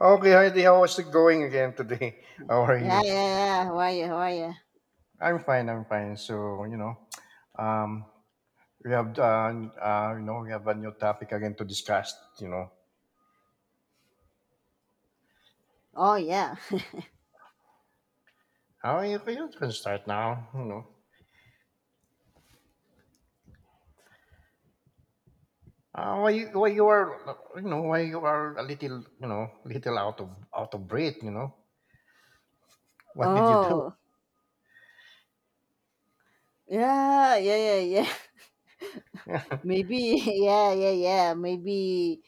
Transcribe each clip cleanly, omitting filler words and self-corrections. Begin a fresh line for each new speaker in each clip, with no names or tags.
Okay, Heidi, how is it going again today? How are
Yeah,
you?
yeah, yeah. How are you? How are you?
I'm fine, I'm fine. Um, we have, we have a new topic again to discuss, you know.
Oh, yeah.
How you can start now. Why you why you are a little out of breath. What did you do?
Oh, yeah, yeah, yeah, yeah. Maybe, yeah, yeah, yeah. Maybe,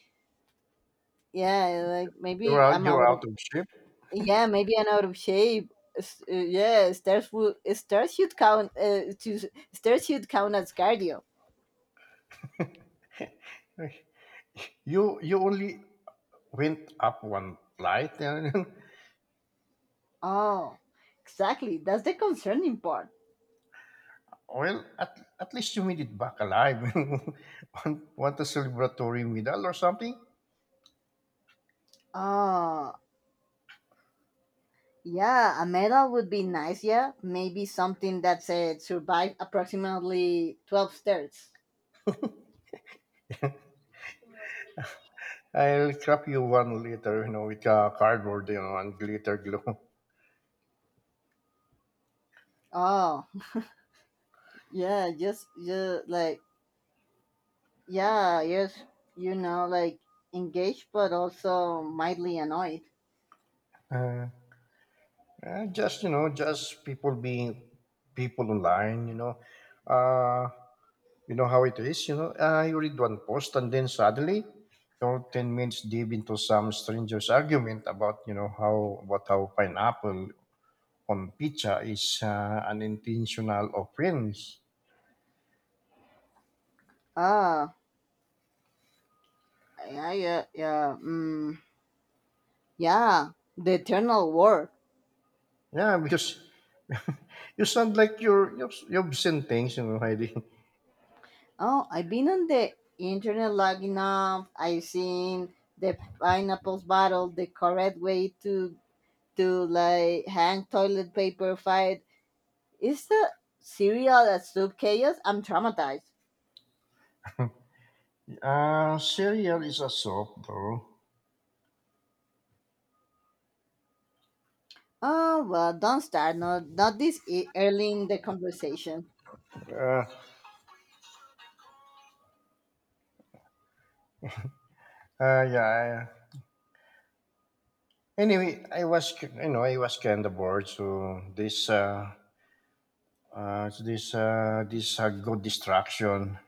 yeah, like
You're
maybe
out,
I'm
you're
out of,
out of shape.
yeah, maybe I'm out of shape. Yeah, stairs should count as cardio.
You only went up one flight. And
Oh, exactly. That's the concerning part.
well, at least you made it back alive. Want a celebratory medal or something?
Oh, yeah, a medal would be nice, yeah. Maybe something that said survive approximately 12 stairs.
I'll crop you one later, with cardboard, and glitter glue.
Oh, yeah, just like, yeah, yes, you know, like engaged but also mildly annoyed.
Uh, just, just people being people online. Uh, you know how it is, you know. You read one post and then suddenly you're 10 minutes deep into some stranger's argument about, you know, how, about how pineapple on pizza is an intentional offense.
Ah, yeah, yeah, yeah, mm, yeah, the eternal war.
Yeah, because you sound like you've seen things, you know, Heidi.
Oh, I've been on the internet long enough. I've seen the pineapples battle, the correct way to hang toilet paper fight, is the cereal a soup chaos. I'm traumatized.
Cereal is a soap, though.
Oh, well, don't start. Not this early in the conversation.
Uh, uh, yeah. I- Anyway, I was ki- you know I was kind of bored, so this this good distraction.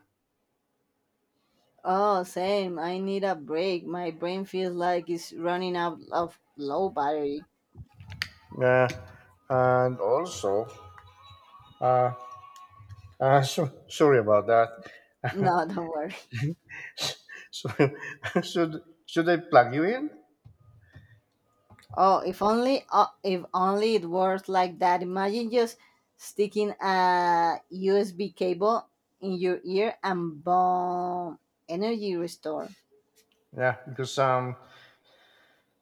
Oh, same. I need a break. My brain feels like it's running out of low battery.
Uh, and also uh, so, sorry about that.
No, don't worry.
So should should I plug you in?
Oh, if only it works like that. Imagine just sticking a USB cable in your ear and boom, energy restore.
Yeah, because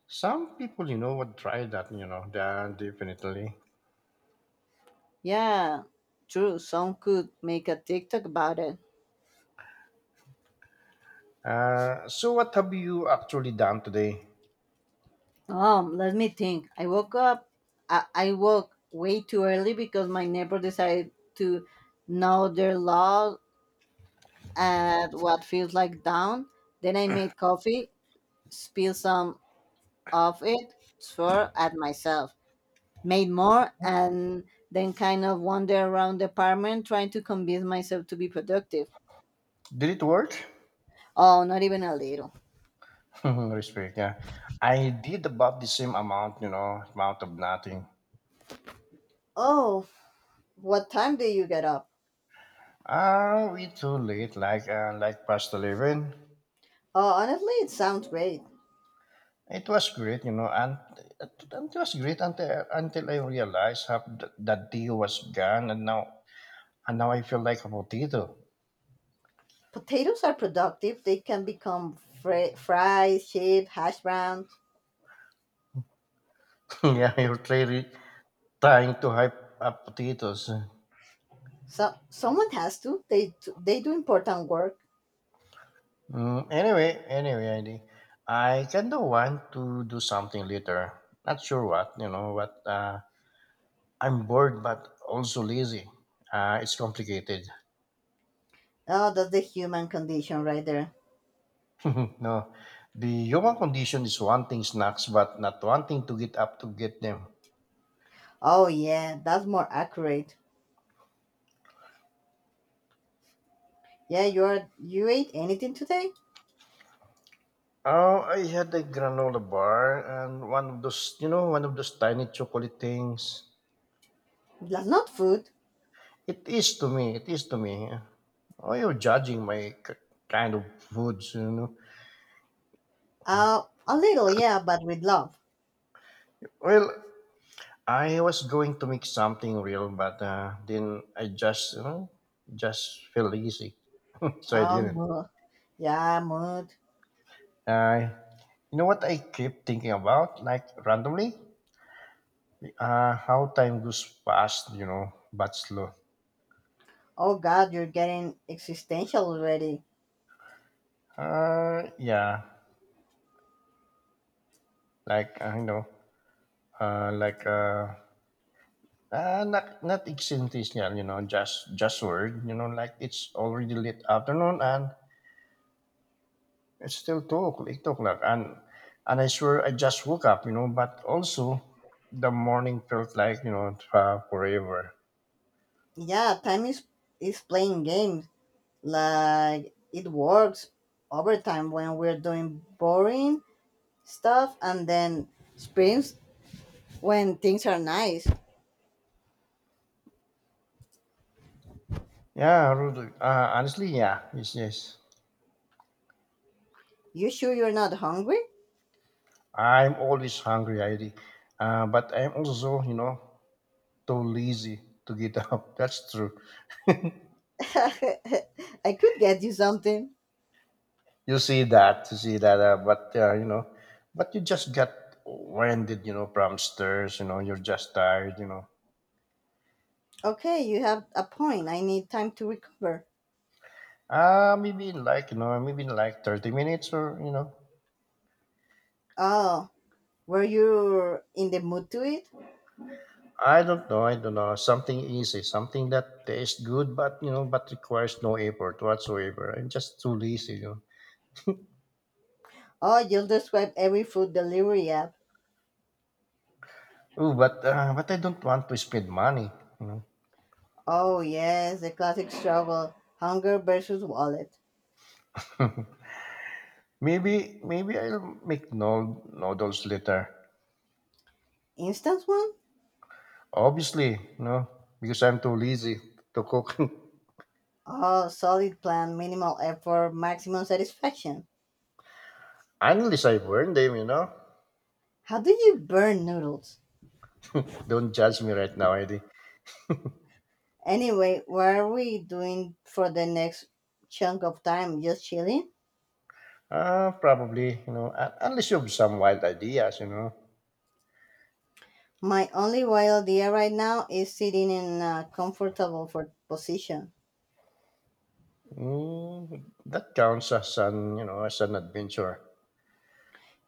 some people, you know, would try that, you know, yeah, definitely.
Yeah, true. Some could make a TikTok about it.
So what have you actually done today?
Let me think. I woke up. I woke way too early because my neighbor decided to know their law at what feels like dawn. Then I made coffee, spilled some of it, swore at myself, made more, and then kind of wandered around the apartment trying to convince myself to be productive.
Did it work?
Oh, not even a little.
Respect, yeah. I did about the same amount, you know, amount of nothing.
Oh, what time do you get up?
Ah, we too late, like past 11.
Oh, honestly, it sounds great.
It was great, you know, and it was great until I realized that day was gone, and now I feel like a potato.
Potatoes are productive. They can become fries, chips, hash browns.
Yeah, you're clearly trying to hype up potatoes.
So someone has to. They do important work.
Mm, anyway, Andy, I kind of want to do something later. Not sure what, you know, what. I'm bored, but also lazy. It's complicated.
Oh, that's the human condition right there.
No, the human condition is wanting snacks, but not wanting to get up to get them.
Oh yeah, that's more accurate. Yeah, you are. You ate anything today?
Oh, I had a granola bar and one of those, you know, one of those tiny chocolate things.
That's not food.
It is to me. It is to me. Why are you judging my kind of foods, you know.
Uh, a little, yeah, but with love.
Well, I was going to make something real, but then I just just feel lazy, so I
Oh,
didn't.
mood. Yeah, mood.
I You know what I keep thinking about, like randomly, how time goes fast, you know, but slow.
Oh God, you're getting existential already.
Yeah, like uh, you know, uh, like uh, not not existential, you know, just word, you know, like it's already late afternoon and it's still 2 o'clock, 8 o'clock, and I swear I just woke up, you know. But also, the morning felt like you know forever.
Yeah, time is playing games, like it works over time when we're doing boring stuff and then sprints when things are nice.
Yeah, Rudy, honestly, yeah, yes, yes.
You sure you're not hungry?
I'm always hungry, ID, but I'm also you know too lazy to get up. That's true.
I could get you something.
You see that, but you know, but you just got winded, you know, from stairs. You know, you're just tired, you know.
Okay, you have a point. I need time to recover.
Maybe in like you know, maybe in like 30 minutes or you know,
Oh, were you in the mood to eat?
I don't know. I don't know. Something easy, something that tastes good, but you know, but requires no effort whatsoever. I'm just too lazy, you know.
Oh, you'll describe every food delivery app.
Oh, but I don't want to spend money. You know,
Oh, yes, the classic struggle, hunger versus wallet.
maybe I'll make no noodles later.
Instant one.
Obviously, you know, because I'm too lazy to cook.
Oh, solid plan, minimal effort, maximum satisfaction.
Unless I burn them, you know.
How do you burn noodles?
Don't judge me right now, Eddie.
Anyway, what are we doing for the next chunk of time? Just chilling?
Probably, you know, unless you have some wild ideas, you know.
My only wild idea right now is sitting in a comfortable for position.
Mm, that counts as an, you know, as an adventure.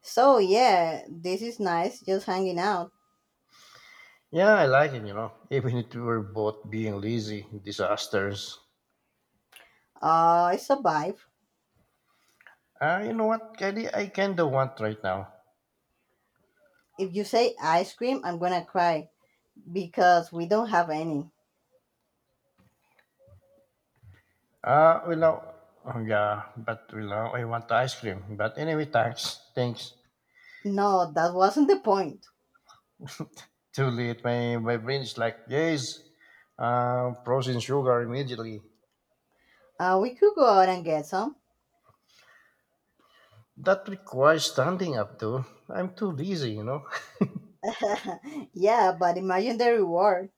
So, yeah, this is nice, just hanging out.
Yeah, I like it, you know, even if we're both being lazy disasters.
It's a vibe.
You know what, Kelly? I kind of want right now.
If you say ice cream, I'm gonna cry because we don't have any.
Well, now, oh, yeah, but well, now I want the ice cream. But anyway, thanks. Thanks.
No, that wasn't the point.
Too late. My brain is like, yes, frozen sugar immediately.
We could go out and get some.
That requires standing up, though. I'm too lazy, you know.
Yeah, but imagine the reward.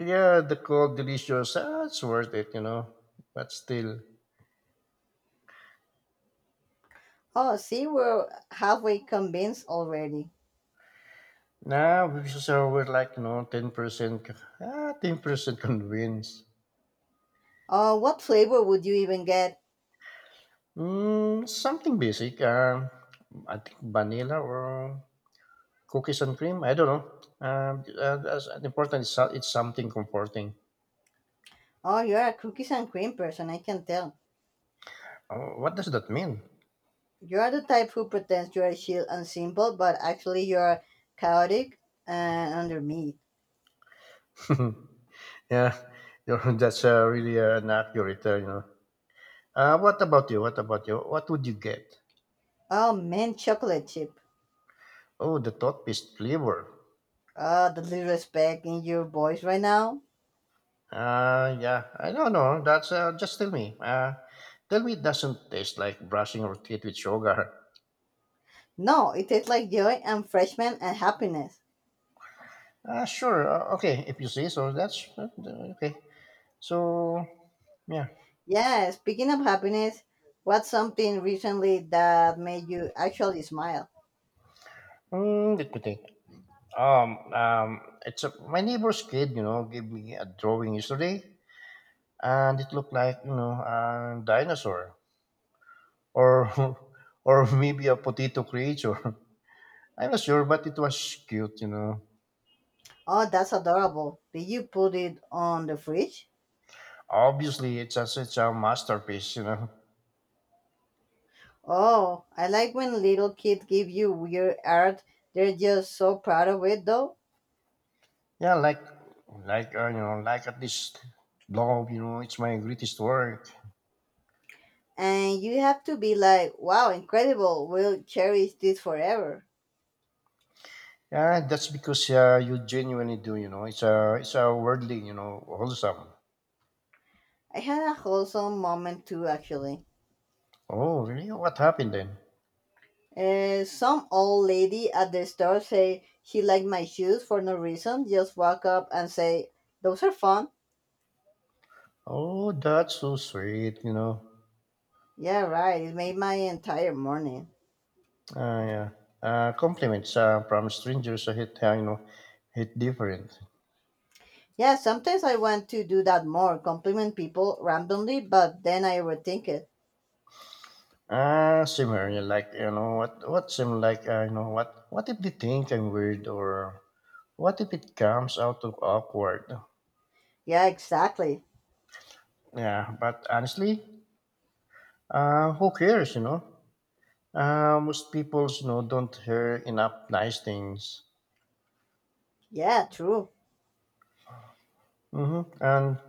Yeah, the cold, delicious, ah, it's worth it, you know. But still.
Oh, see, we're halfway convinced already.
So we're like, you know, 10%, ah, 10% convinced.
Oh, what flavor would you even get?
Mm, something basic. I think vanilla or cookies and cream. I don't know. That's important it's something comforting.
Oh, you're a cookies and cream person, I can tell.
Oh, what does that mean?
You're the type who pretends you're chill and simple, but actually you're chaotic and under meat.
Yeah, that's really an accurate, you know. What about you? What would you get?
Oh, man, chocolate chip.
Oh, the toothpaste flavor.
Oh, the disrespect in your voice right now.
Yeah, I don't know. That's just tell me. Tell me it doesn't taste like brushing your teeth with sugar.
No, it tastes like joy and freshmen and happiness.
Sure. Okay, if you say so, that's okay. So, yeah.
Yeah, speaking of happiness, what's something recently that made you actually smile?
Mm, let me think. My neighbor's kid, you know, gave me a drawing yesterday, and it looked like, you know, a dinosaur or or maybe a potato creature. I'm not sure, but it was cute, you know.
Oh, that's adorable. Did you put it on the fridge?
Obviously, it's a masterpiece, you know.
Oh, I like when little kids give you weird art. They're just so proud of it, though.
Yeah, you know, like at this blog, you know, it's my greatest work.
And you have to be like, wow, incredible. We'll cherish this forever.
Yeah, that's because you genuinely do, you know. It's a worldly, you know, wholesome.
I had a wholesome moment too, actually.
Oh, really? What happened then?
Some old lady at the store say she liked my shoes for no reason. Just walk up and say, those are fun.
Oh, that's so sweet, you know.
Yeah, right. It made my entire morning.
Ah, yeah. Compliments from strangers are hit, you know, hit different.
Yeah, sometimes I want to do that more, compliment people randomly, but then I overthink it.
Ah, similar. Yeah, like you know, what seem like you know what if they think I'm weird or what if it comes out of awkward?
Yeah, exactly.
Yeah, but honestly, who cares, you know? Most people, you know, don't hear enough nice things.
Yeah, true.
Mm-hmm. And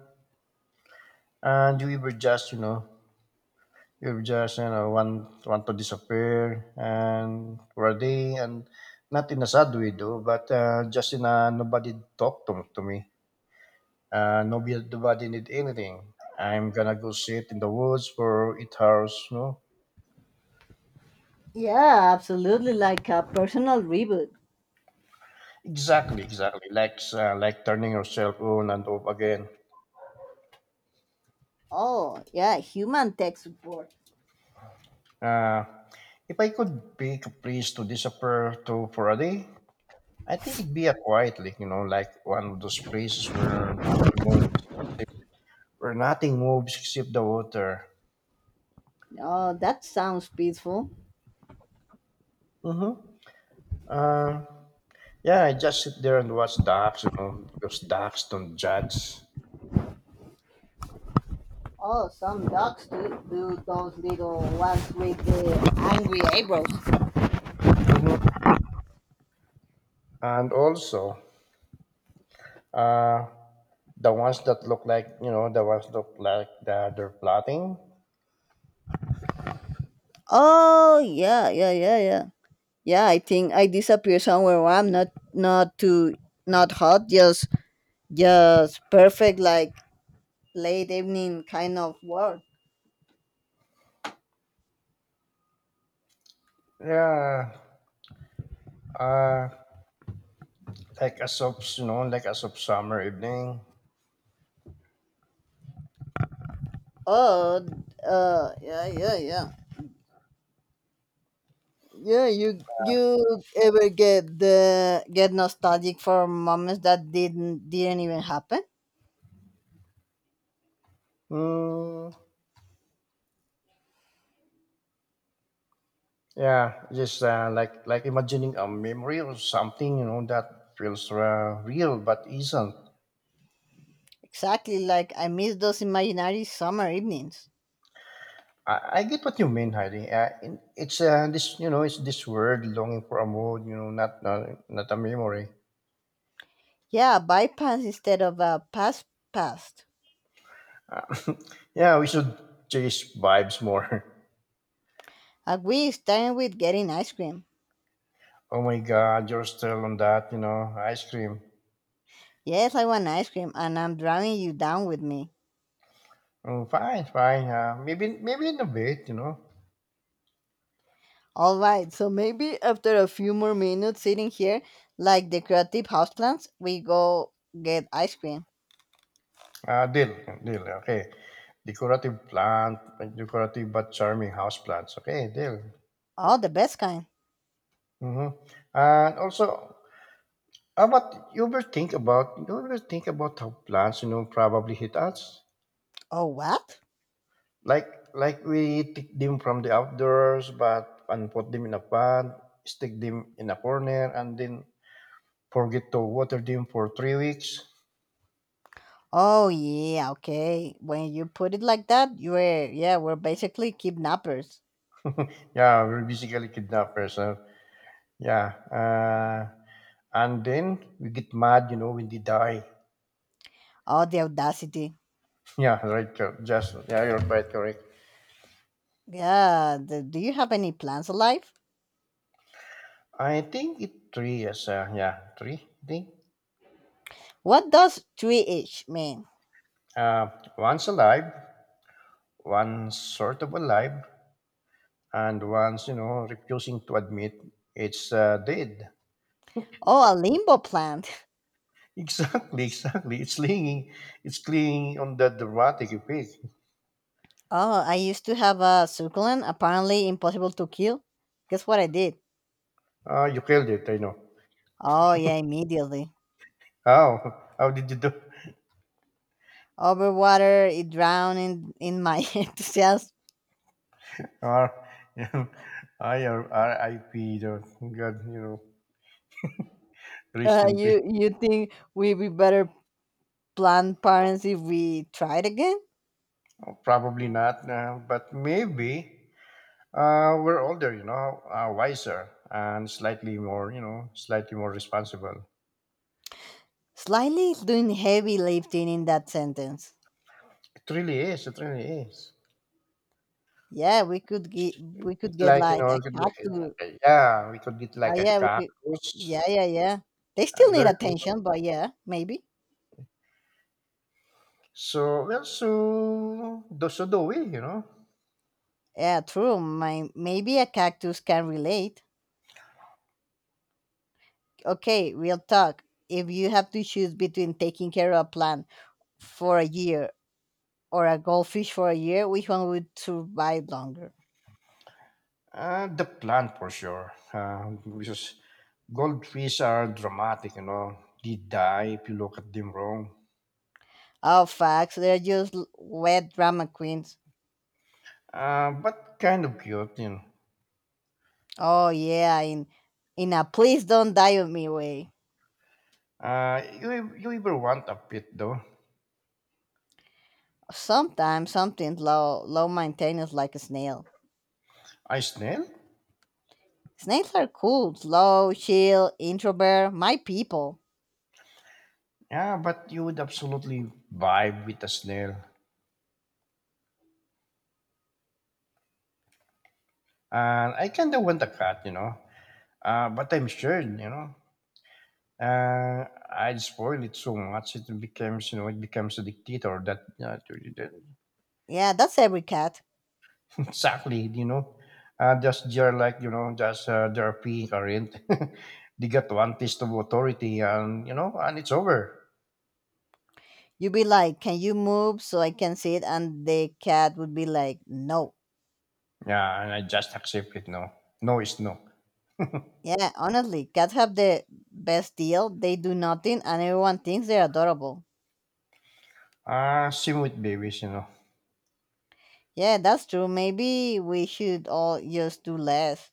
and we were just, you know, we were just, you know, want to disappear and for a day, and not in a sad way though, but just in a nobody talk to me. Nobody need anything. I'm gonna go sit in the woods for 8 hours, you know.
Yeah, absolutely. Like a personal reboot.
Exactly, exactly. Like turning yourself on and off again.
Oh, yeah, human tech support.
Uh, if I could pick a place to disappear to for a day, I think it'd be a quiet lake, you know, like one of those places where nothing moves, except- where nothing moves except the water.
Oh, that sounds peaceful.
Mm-hmm. Uh, yeah, I just sit there and watch ducks, you know, because ducks don't judge.
Oh, some dogs do, do those little ones with the angry eyebrows.
Mm-hmm. And also, uh, the ones that look like that they're plotting.
Oh, yeah, yeah, yeah, yeah. Yeah, I think I disappear somewhere where I'm not too, not hot, just perfect, like late evening kind of work.
Yeah. Uh, like as of, you know, like as of summer evening.
Oh, yeah, yeah, yeah, yeah, you ever get the get nostalgic for moments that didn't even happen.
Mm, yeah, just like imagining a memory or something, you know, that feels real but isn't.
Exactly, like I miss those imaginary summer evenings.
I get what you mean, Heidi. It's this, you know, it's this word longing for a mood, you know, not a memory.
Yeah, bypass instead of a pass past.
Uh, yeah, we should chase vibes more.
A, we starting with getting ice cream?
Oh my God, you're still on that, you know, ice cream.
Yes, I want ice cream and I'm dragging you down with me.
Mm, fine, fine. Maybe in a bit, you know.
All right, so maybe after a few more minutes sitting here, like the creative houseplants, we go get ice cream.
Ah, dill, okay. Decorative plant, like decorative but charming house plants. Okay, dill.
Oh, the best kind.
Mm-hmm. And also, how about you ever think about you ever think about how plants, you know, probably hit us?
Oh, what?
Like like we take them from the outdoors, but and put them in a pot, stick them in a corner, and then forget to water them for 3 weeks.
Oh, yeah, okay. When you put it like that, you were, yeah, we're basically kidnappers.
Yeah, we're basically kidnappers. Huh? Yeah. And then we get mad, you know, when they die.
Oh, the audacity.
Yeah, right. Just yeah, you're quite correct.
Yeah, do you have any plants alive?
I think it three is yeah three. I think
What does tree itch mean?
uh, once alive, one sort of alive, and once you know refusing to admit it's dead.
Oh, a limbo plant.
Exactly, exactly. It's clinging on that dramatic effect.
Oh, I used to have a succulent, apparently impossible to kill. Guess what I did?
Ah, you killed it. I know.
Oh, yeah, immediately.
How? How did you do?
Overwater, it drowned in my enthusiasm.
Or, R I P. The God, you know, rest
Uh,
in peace.
you you think we'd be better plant parents if we tried again?
Probably not, but maybe uh, we're older, you know, wiser, and slightly more, you know, slightly more responsible.
Slightly is doing heavy lifting in that sentence.
It really is. It really is.
Yeah, we could get we
It,
could get
like you
like
know,
a
it could
cactus.
be- Yeah, we could get like a
Yeah, we could,
cactus.
yeah, yeah, yeah. They still need
There, you know.
attention, but yeah, maybe.
So well, so do we, you know.
Yeah, true. My maybe a cactus can relate. Okay, real talk. If you have to choose between taking care of a plant for a year or a goldfish for a year, which one would survive longer?
The plant for sure. Because goldfish are dramatic, you know. They die if you look at them wrong.
Oh, facts. They're just wet drama queens.
But kind of cute, you know.
Oh, yeah, in a please don't die on me way.
You ever want a pet though?
Sometimes something's low, low maintenance like a snail.
A snail?
Snails are cool, slow, chill, introvert, my people.
Yeah, but you would absolutely vibe with a snail. And I kinda want a cat, you know. But I'm sure, you know, uh, I'd spoil it so much it becomes, it becomes a dictator that
Yeah, that's every cat.
exactly, just they're like, just they're peeing current. They got one taste of authority, and you know, and it's over.
You'd be like, can you move so I can see it? And the cat would be like, no.
Yeah, and I just accept it. No, no is no.
Yeah, honestly, cats have the best deal. They do nothing and everyone thinks they're adorable.
Same with babies, you know.
Yeah, that's true. Maybe we should all just do less.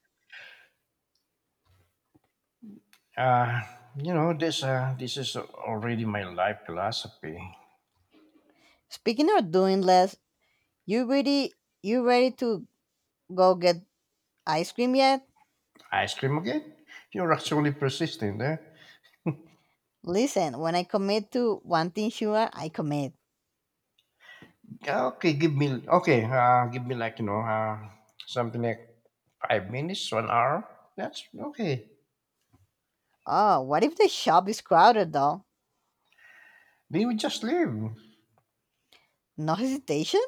Uh, you know, this is already my life philosophy.
Speaking of doing less, you ready you ready to go get ice cream yet?
Ice cream again? You're actually persistent, eh?
Listen, when I commit to one thing sure, I commit.
Yeah, okay, give me like you know, something like 5 minutes, 1 hour. That's okay.
Oh, what if the shop is crowded though?
They would just leave.
No hesitation?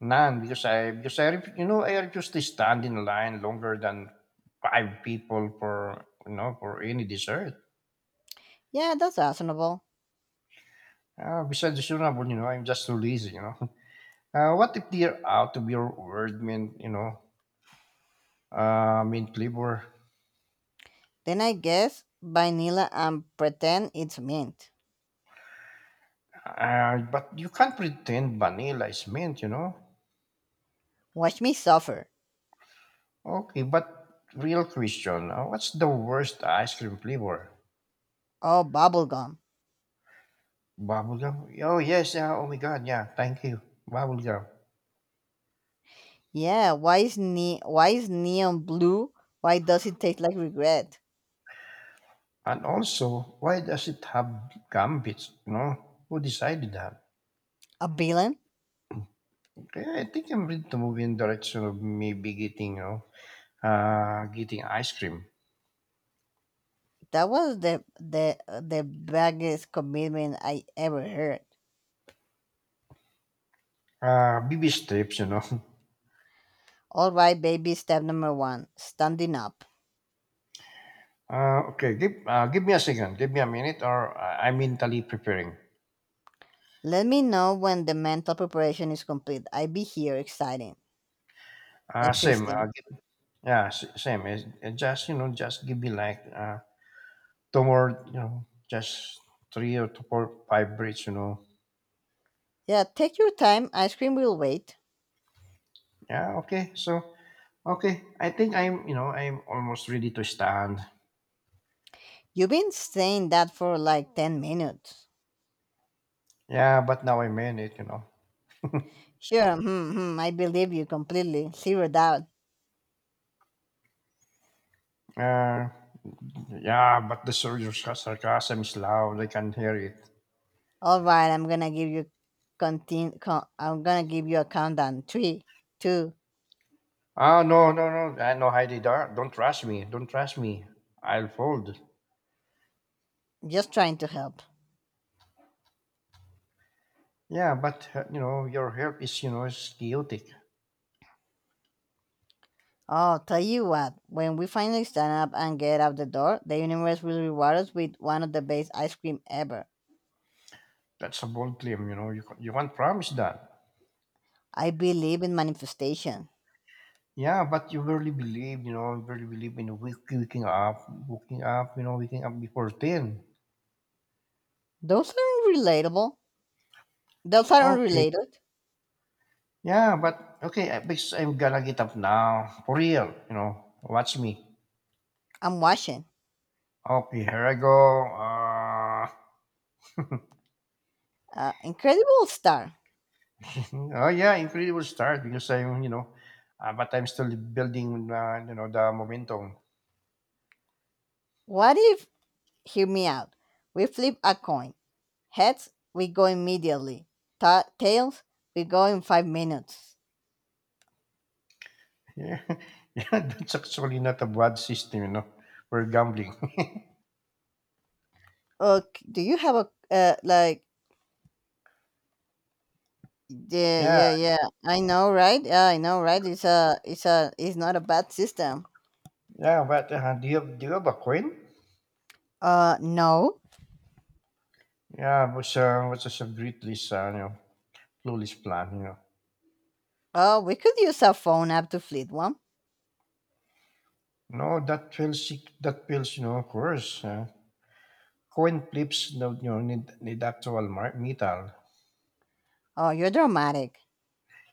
None you know I refuse to stand in line longer than five people for you know for any dessert.
Yeah, that's reasonable.
Besides, it's reasonable, you know, I'm just too lazy, you know. What if they're out of your word mint, you know, mint flavor?
Then I guess vanilla and pretend it's mint.
But you can't pretend vanilla is mint, you know?
Watch me suffer.
Okay, but real question, what's the worst ice cream flavor?
Oh, bubblegum.
Bubblegum? Oh, yes, yeah, oh my god, yeah, thank you. Bubblegum.
Yeah, why is neon blue? Why does it taste like regret?
And also, why does it have gambits, you know? Who decided that?
A villain?
Okay, I think I'm ready to move in direction of maybe getting, you know, getting ice cream.
That was the biggest commitment I ever heard.
BB strips, you know.
All right, baby, step number one: standing up.
Okay, give me a second. Give me a minute, or I'm mentally preparing.
Let me know when the mental preparation is complete. I be here, exciting,
Same.
existing.
Yeah, same. It's just you know, just give me like two more. You know, just three or two, four, five breaths. You know.
Yeah, take your time. Ice cream will wait.
Yeah. Okay. So okay, I think I'm you know I'm almost ready to stand.
You've been saying that for like 10 minutes.
Yeah, but now I'm in it. You know.
Sure, hmm, hmm, I believe you completely. Zero doubt.
Uh, yeah, but your sarcasm is loud. I can hear it.
All right, I'm gonna give you continue. I'm gonna give you a countdown. Three, two.
Ah, no, no, no, I know Heidi, do don't trust me. Don't trust me. I'll fold.
Just trying to help.
Yeah, but you know, your health is you know is chaotic.
Oh, tell you what. When we finally stand up and get out the door, the universe will reward us with one of the best ice cream ever.
That's a bold claim. You know, you can't promise that.
I believe in manifestation.
Yeah, but you really believe, you know, you really believe in you know, waking up before 10.
Those aren't relatable. Those aren't
Okay.
related.
Yeah, but okay, I because I'm gonna get up now for real. You know, watch me.
I'm watching.
Okay, here I go.
Incredible star.
Oh yeah, incredible start because I'm, you know, but I'm still building, you know, the momentum.
What if? Hear me out. We flip a coin. Heads, we go immediately. Tails, we go in 5 minutes.
Yeah, yeah, that's actually not a bad system, you know, for gambling.
Okay, do you have a like, yeah,
Yeah,
yeah, yeah. I know, right? Yeah, I know, right? It's not a bad system.
yeah, but do you have a coin?
No.
Yeah, was just a greatless, you know, clueless plan, you know.
We could use a phone app to fleet one.
No, that feels, you know, of course. Coin flips, no, you know, need actual metal.
Oh, you're dramatic.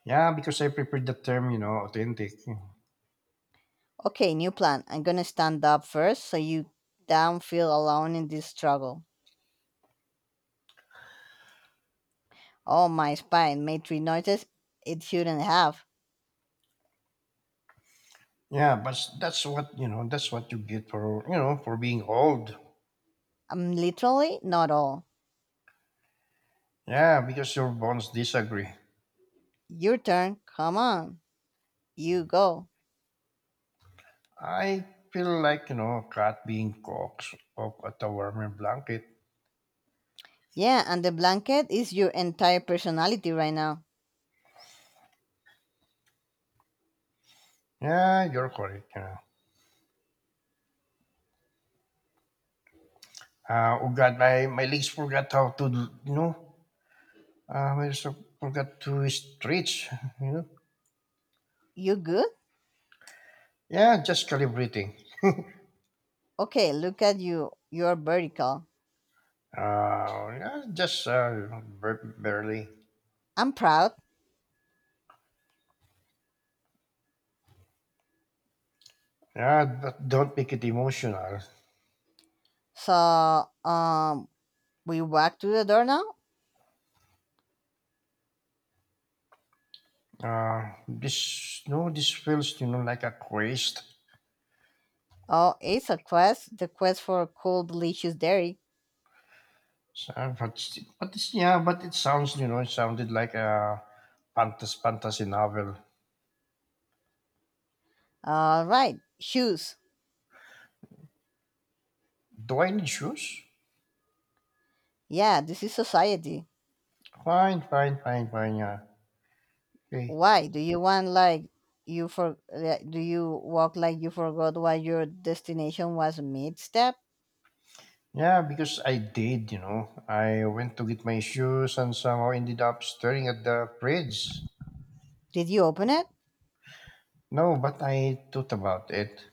Yeah, because I prepared the term, you know, authentic.
Okay, new plan, I'm gonna stand up first so you don't feel alone in this struggle. Oh, my spine made three noises it shouldn't have.
Yeah, but that's what you know. That's what you get for you know for being old.
I'm literally not all.
Yeah, because your bones disagree.
Your turn, come on, you go.
I feel like, you know, a cat being coaxed up at a warmer blanket.
Yeah, and the blanket is your entire personality right now.
Yeah, you're correct, you know. Oh God, my legs forgot how to, you know, I also forgot to stretch, you know.
You good?
Yeah, just calibrating.
Okay, look at you. You're vertical.
Yeah, just barely.
I'm proud.
Yeah, but don't make it emotional.
So, we walk to the door now?
Uh, no, this feels, you know, like a quest.
Oh, it's a quest. The quest for cool, delicious dairy.
So, but st- but it's, Yeah, but it sounds you know it sounded like a fantasy novel.
All right. Shoes.
Do I need shoes?
Yeah, this is society.
Fine, fine, fine, fine. Yeah, okay.
Why? Do you walk like you forgot what your destination was mid step?
Yeah, because I did. You know, I went to get my shoes and somehow ended up staring at the fridge.
Did you open it?
No, but I thought about it.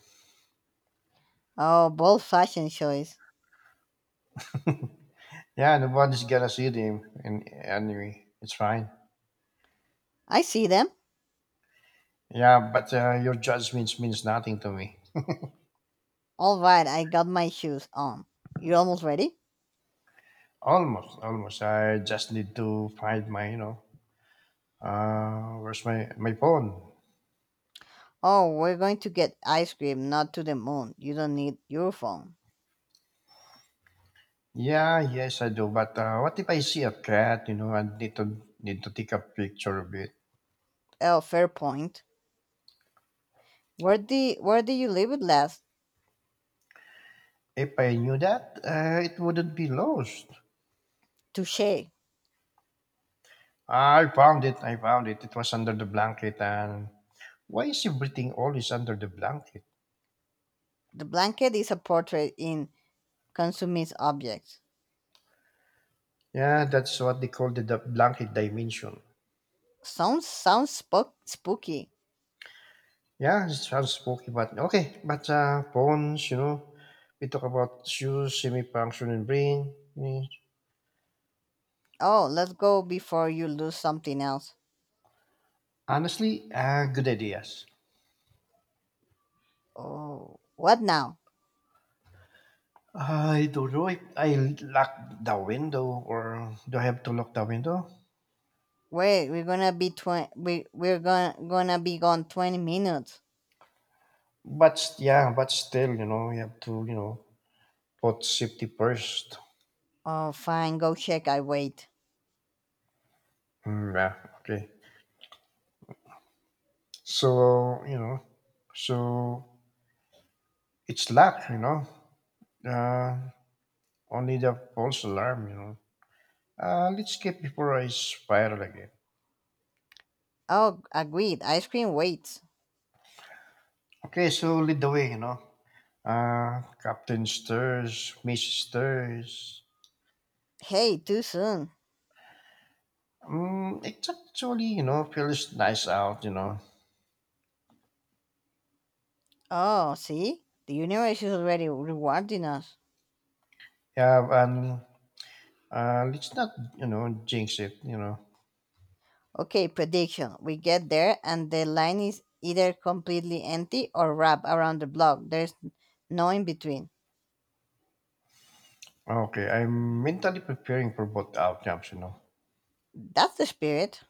Oh, bold fashion choice.
Yeah, nobody's gonna see them. And anyway, it's fine.
I see them.
Yeah, but your judgments means nothing to me.
All right, I got my shoes on. You almost ready?
Almost, almost. I just need to find my, you know, where's my phone?
Oh, we're going to get ice cream, not to the moon. You don't need your phone.
Yeah, yes, I do. But what if I see a cat? You know, I need to need to take a picture of it.
Oh, fair point. Where did you leave it last?
If I knew that, it wouldn't be lost.
Touche.
I found it. I found it. It was under the blanket. And why is everything always under the blanket?
The blanket is a portrait in consumist objects.
Yeah, that's what they call the blanket dimension.
Sounds spooky.
Yeah, it sounds spooky, but okay. But phones, you know, we talk about shoes, semi-function, and brain. Mm.
Oh, let's go before you lose something else.
Honestly, good ideas.
Oh, what now?
I don't know if I lock the window or do I have to lock the window?
Wait, we're gonna be 20. We're gonna be gone 20 minutes.
Yeah, but still, you know, you have to, you know, put safety first.
Oh, fine. Go check. I wait.
Mm, yeah, okay. So, you know, so it's locked, you know. Uh, Only the false alarm, you know. Let's get before I spiral again.
Oh, agreed. Ice cream waits.
Okay, so lead the way, you know. Captain Stirs, Mrs. Stirs.
Hey, too soon.
Mm, it's actually, you know, feels nice out, you know.
Oh, see? The universe is already rewarding us.
Yeah, and let's not, you know, jinx it, you know.
Okay, prediction. We get there and the line is either completely empty or wrapped around the block. There's no in between.
Ah, okay, I'm mentally preparing for both outcomes, you know.
That's the spirit.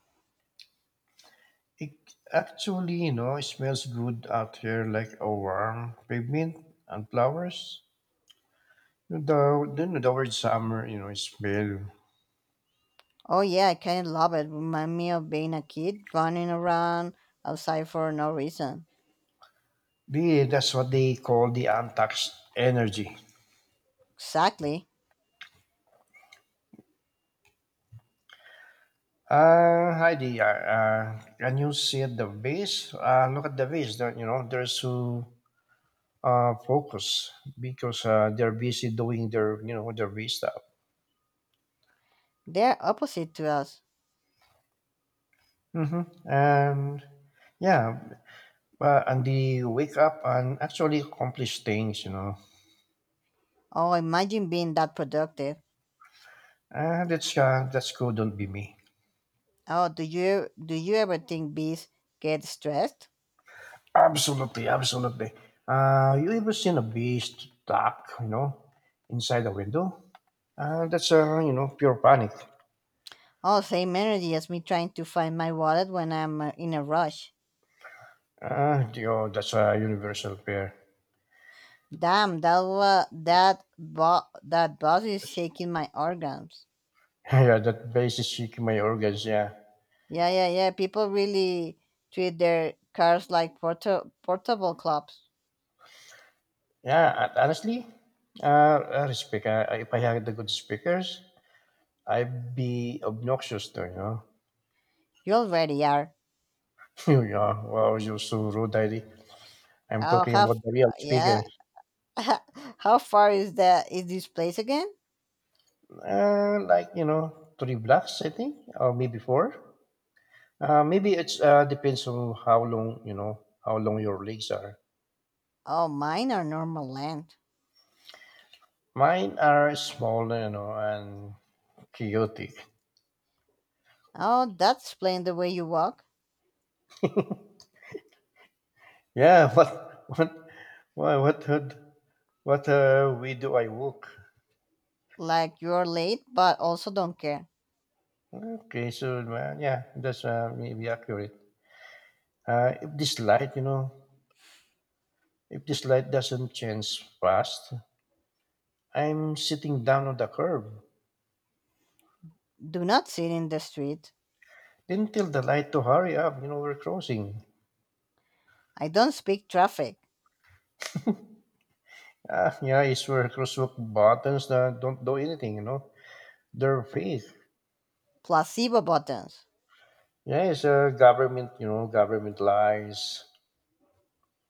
It actually, you know, smells good out here like a warm pavement and flowers. You know, the word summer, you know, smell.
Oh yeah, I kinda love it. Remind me of being a kid running around outside for no reason.
That's what they call the untaxed energy.
Exactly.
Heidi, can you see the base? Look at the base, there- you know, there's two focus because they're busy doing their you know their V stuff.
They're opposite to us.
Hmm. And yeah, and they wake up and actually accomplish things, you know.
Oh, imagine being that productive.
And that's cool. Don't be me.
Oh, do you ever think bees get stressed?
Absolutely, absolutely. You ever seen a bee stuck, you know, inside a window? That's you know pure panic.
Oh, same energy as me trying to find my wallet when I'm in a rush.
You know, that's a universal fear.
Damn, that wa- that bo- that boss is shaking my organs.
Yeah, that basis is shaking my organs. Yeah.
Yeah, yeah, yeah. People really treat their cars like portable clubs.
Yeah, honestly, the speaker. If I had the good speakers, I'd be obnoxious too. You know,
You already are.
yeah. Wow, you're so rude, Daddy. I'm
Oh,
talking
how?
about the real
Yeah.
speakers.
How far is that? Is this place again?
Like you know, 3 blocks, I think, or maybe 4. Maybe it's depends on how long you know how long your legs are.
Oh, mine are normal land.
Mine are small, you know, and chaotic.
Oh, that's explained the way you walk.
Yeah, what, what, what, what way do I walk?
Like you're late, but also don't care.
Okay, so yeah, that's maybe accurate. If this light, you know, if this light doesn't change fast, I'm sitting down on the curb.
Do not sit in the street.
Then tell the light to hurry up, you know, we're crossing.
I don't speak traffic,
Ah, yeah, it's where crosswalk buttons that don't do anything, you know. They're fake.
placebo buttons,
Yeah, it's government, you know, government lies.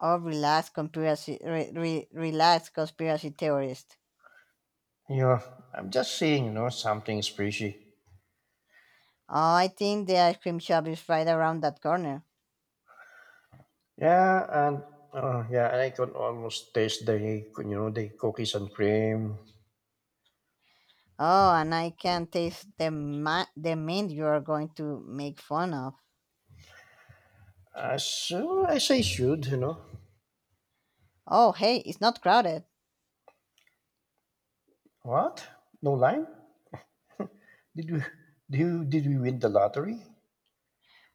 or relaxed conspiracy, relaxed conspiracy theorist.
You know, I'm just saying, you know, something's fishy.
Oh, I think the ice cream shop is right around that corner.
Yeah, and yeah, and I can almost taste the, you know, the cookies and cream.
Oh, and I can taste the mint you are going to make fun of.
So I say, should, you know.
Oh, hey, it's not crowded.
What? No line? Did we did we win the lottery?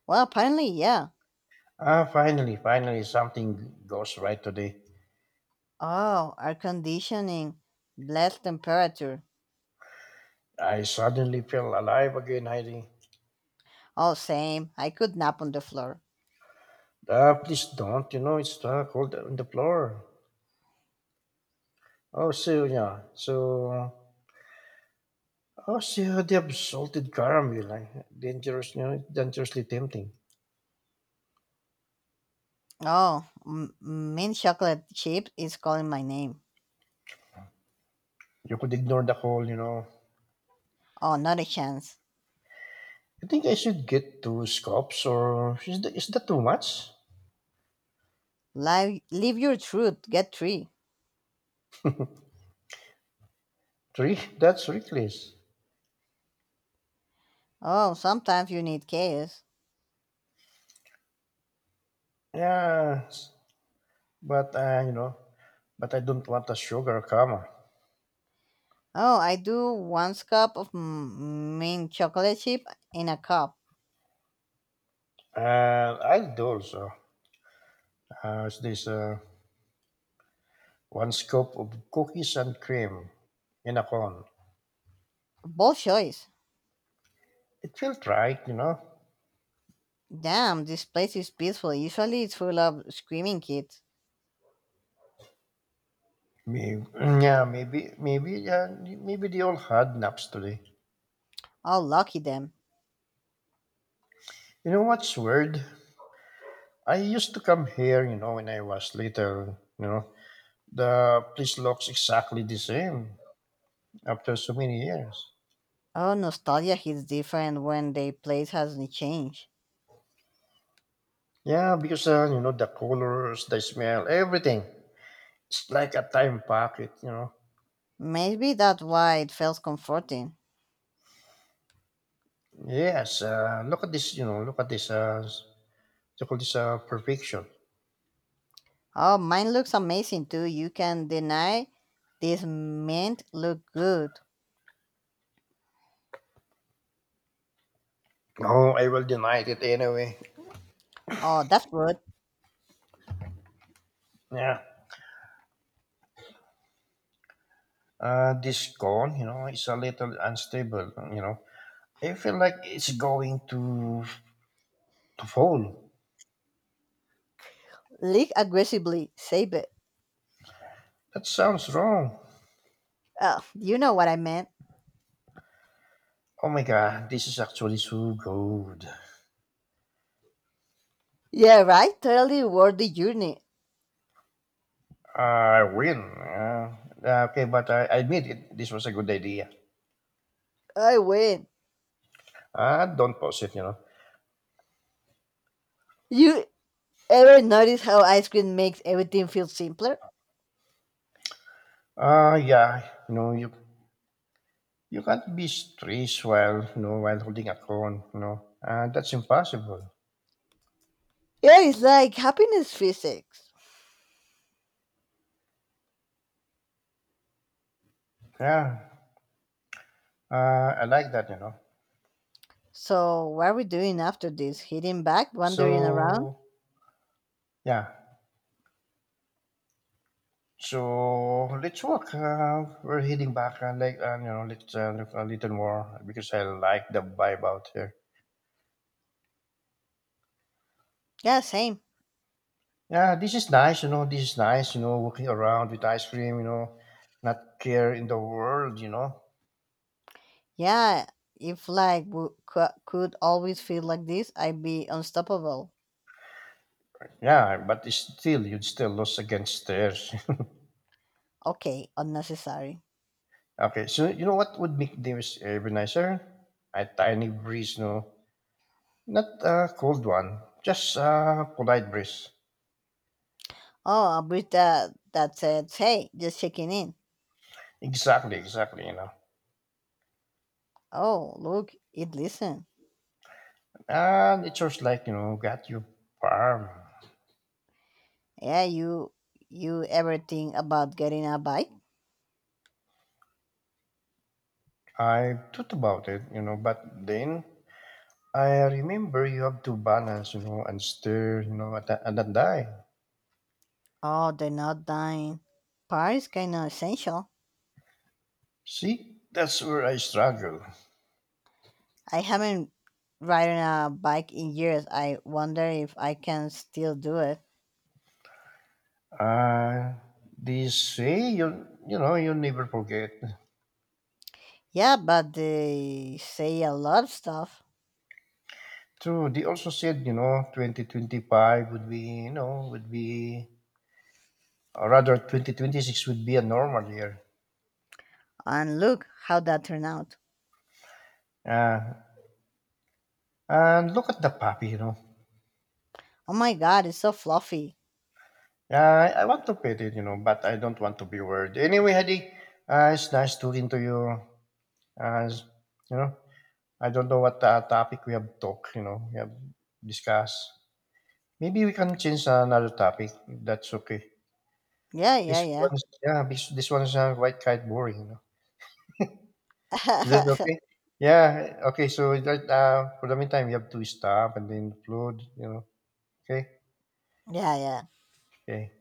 Well, apparently, yeah.
Ah, finally, finally, something goes right today.
Oh, air conditioning, blessed temperature.
I suddenly feel alive again, Heidi.
Oh, same. I could nap on the floor.
Ah, please don't, you know, it's stuck hold on the floor. Oh, so yeah, so oh, so the salted caramel, like, dangerous, you know, dangerously tempting.
Oh, mint chocolate chip is calling my name.
You could ignore the call, you know.
Oh, not a chance.
You think I should get 2 scopes, or is that too much?
Live, live your truth. Get three.
3? That's reckless.
Oh, sometimes you need chaos.
Yeah, but you know, but I don't want a sugar coma.
Oh, I do one cup of mint chocolate chip in a cup.
I'll do also. It's this one scoop of cookies and cream in a cone.
Bold choice.
It felt right, you know.
Damn, this place is peaceful. Usually it's full of screaming kids.
Maybe, yeah, maybe they all had naps today.
Oh, lucky them.
You know what's weird? I used to come here, you know, when I was little. You know, the place looks exactly the same after so many years.
Oh, nostalgia hits different when the place hasn't changed.
Yeah, because you know the colors, the smell, everything. It's like a time pocket, you know.
Maybe that's why it feels comforting.
Yes, look at this, you know, look at this. They call this perfection.
Oh, mine looks amazing too. You can deny this mint look good.
No, I will deny it anyway.
Oh, that's good.
Yeah, this cone, you know, is a little unstable. You know, I feel like it's going to fall.
Leak aggressively, save it.
That sounds wrong.
Oh, you know what I meant.
Oh my god, this is actually so good.
Yeah, right? Totally worth the journey.
I win. Yeah. Okay, but I admit it. This was a good idea.
I win.
Ah, don't pause it, you know.
You ever notice how ice cream makes everything feel simpler?
Ah, yeah, you know, you can't be stressed while you know while holding a cone, you know. That's impossible.
Yeah, it's like happiness physics.
Yeah, I like that, you know.
So, what are we doing after this? Hitting back? Wandering around?
So yeah, so let's walk. We're heading back, you know, let's look a little more because I like the vibe out here.
Yeah, same.
Yeah, this is nice, you know. This is nice, you know, walking around with ice cream, you know, not care in the world, you know.
Yeah, if life could always feel like this, I'd be unstoppable.
Yeah, but it's still, you'd still lose against theirs.
Okay, unnecessary.
Okay, so you know what would make this even nicer? A tiny breeze, no? Not a cold one, just a polite breeze.
Oh, I'll breathe that, that said, hey, just checking in.
Exactly, exactly, you know.
Oh, look, it listen.
And it just like, you know, got you farm.
Yeah, you ever think about getting a bike?
I thought about it, you know, but then I remember you have to balance, you know, and stir, you know, and then die.
Oh, they're not dying. Power is kind of essential.
See, that's where I struggle.
I haven't ridden a bike in years. I wonder if I can still do it.
Uh, they say you know you never forget.
Yeah, but they say a lot of stuff.
True. They also said you know 2025 would be you know would be or rather 2026 would be a normal year.
And look how that turned out.
Uh, and look at the puppy, you know.
Oh my god, it's so fluffy.
I want to pet it, you know, but I don't want to be worried. Anyway, Hadi, it's nice talking to you. Uh, you know, I don't know what topic we have talked. You know, we have discussed. Maybe we can change another topic. That's okay.
Yeah, yeah, yeah.
Yeah, this ones are quite boring, you know. Is that
yeah,
okay? Yeah, okay. So that for the meantime, you have to stop and then upload, you know. Okay,
yeah.
okay.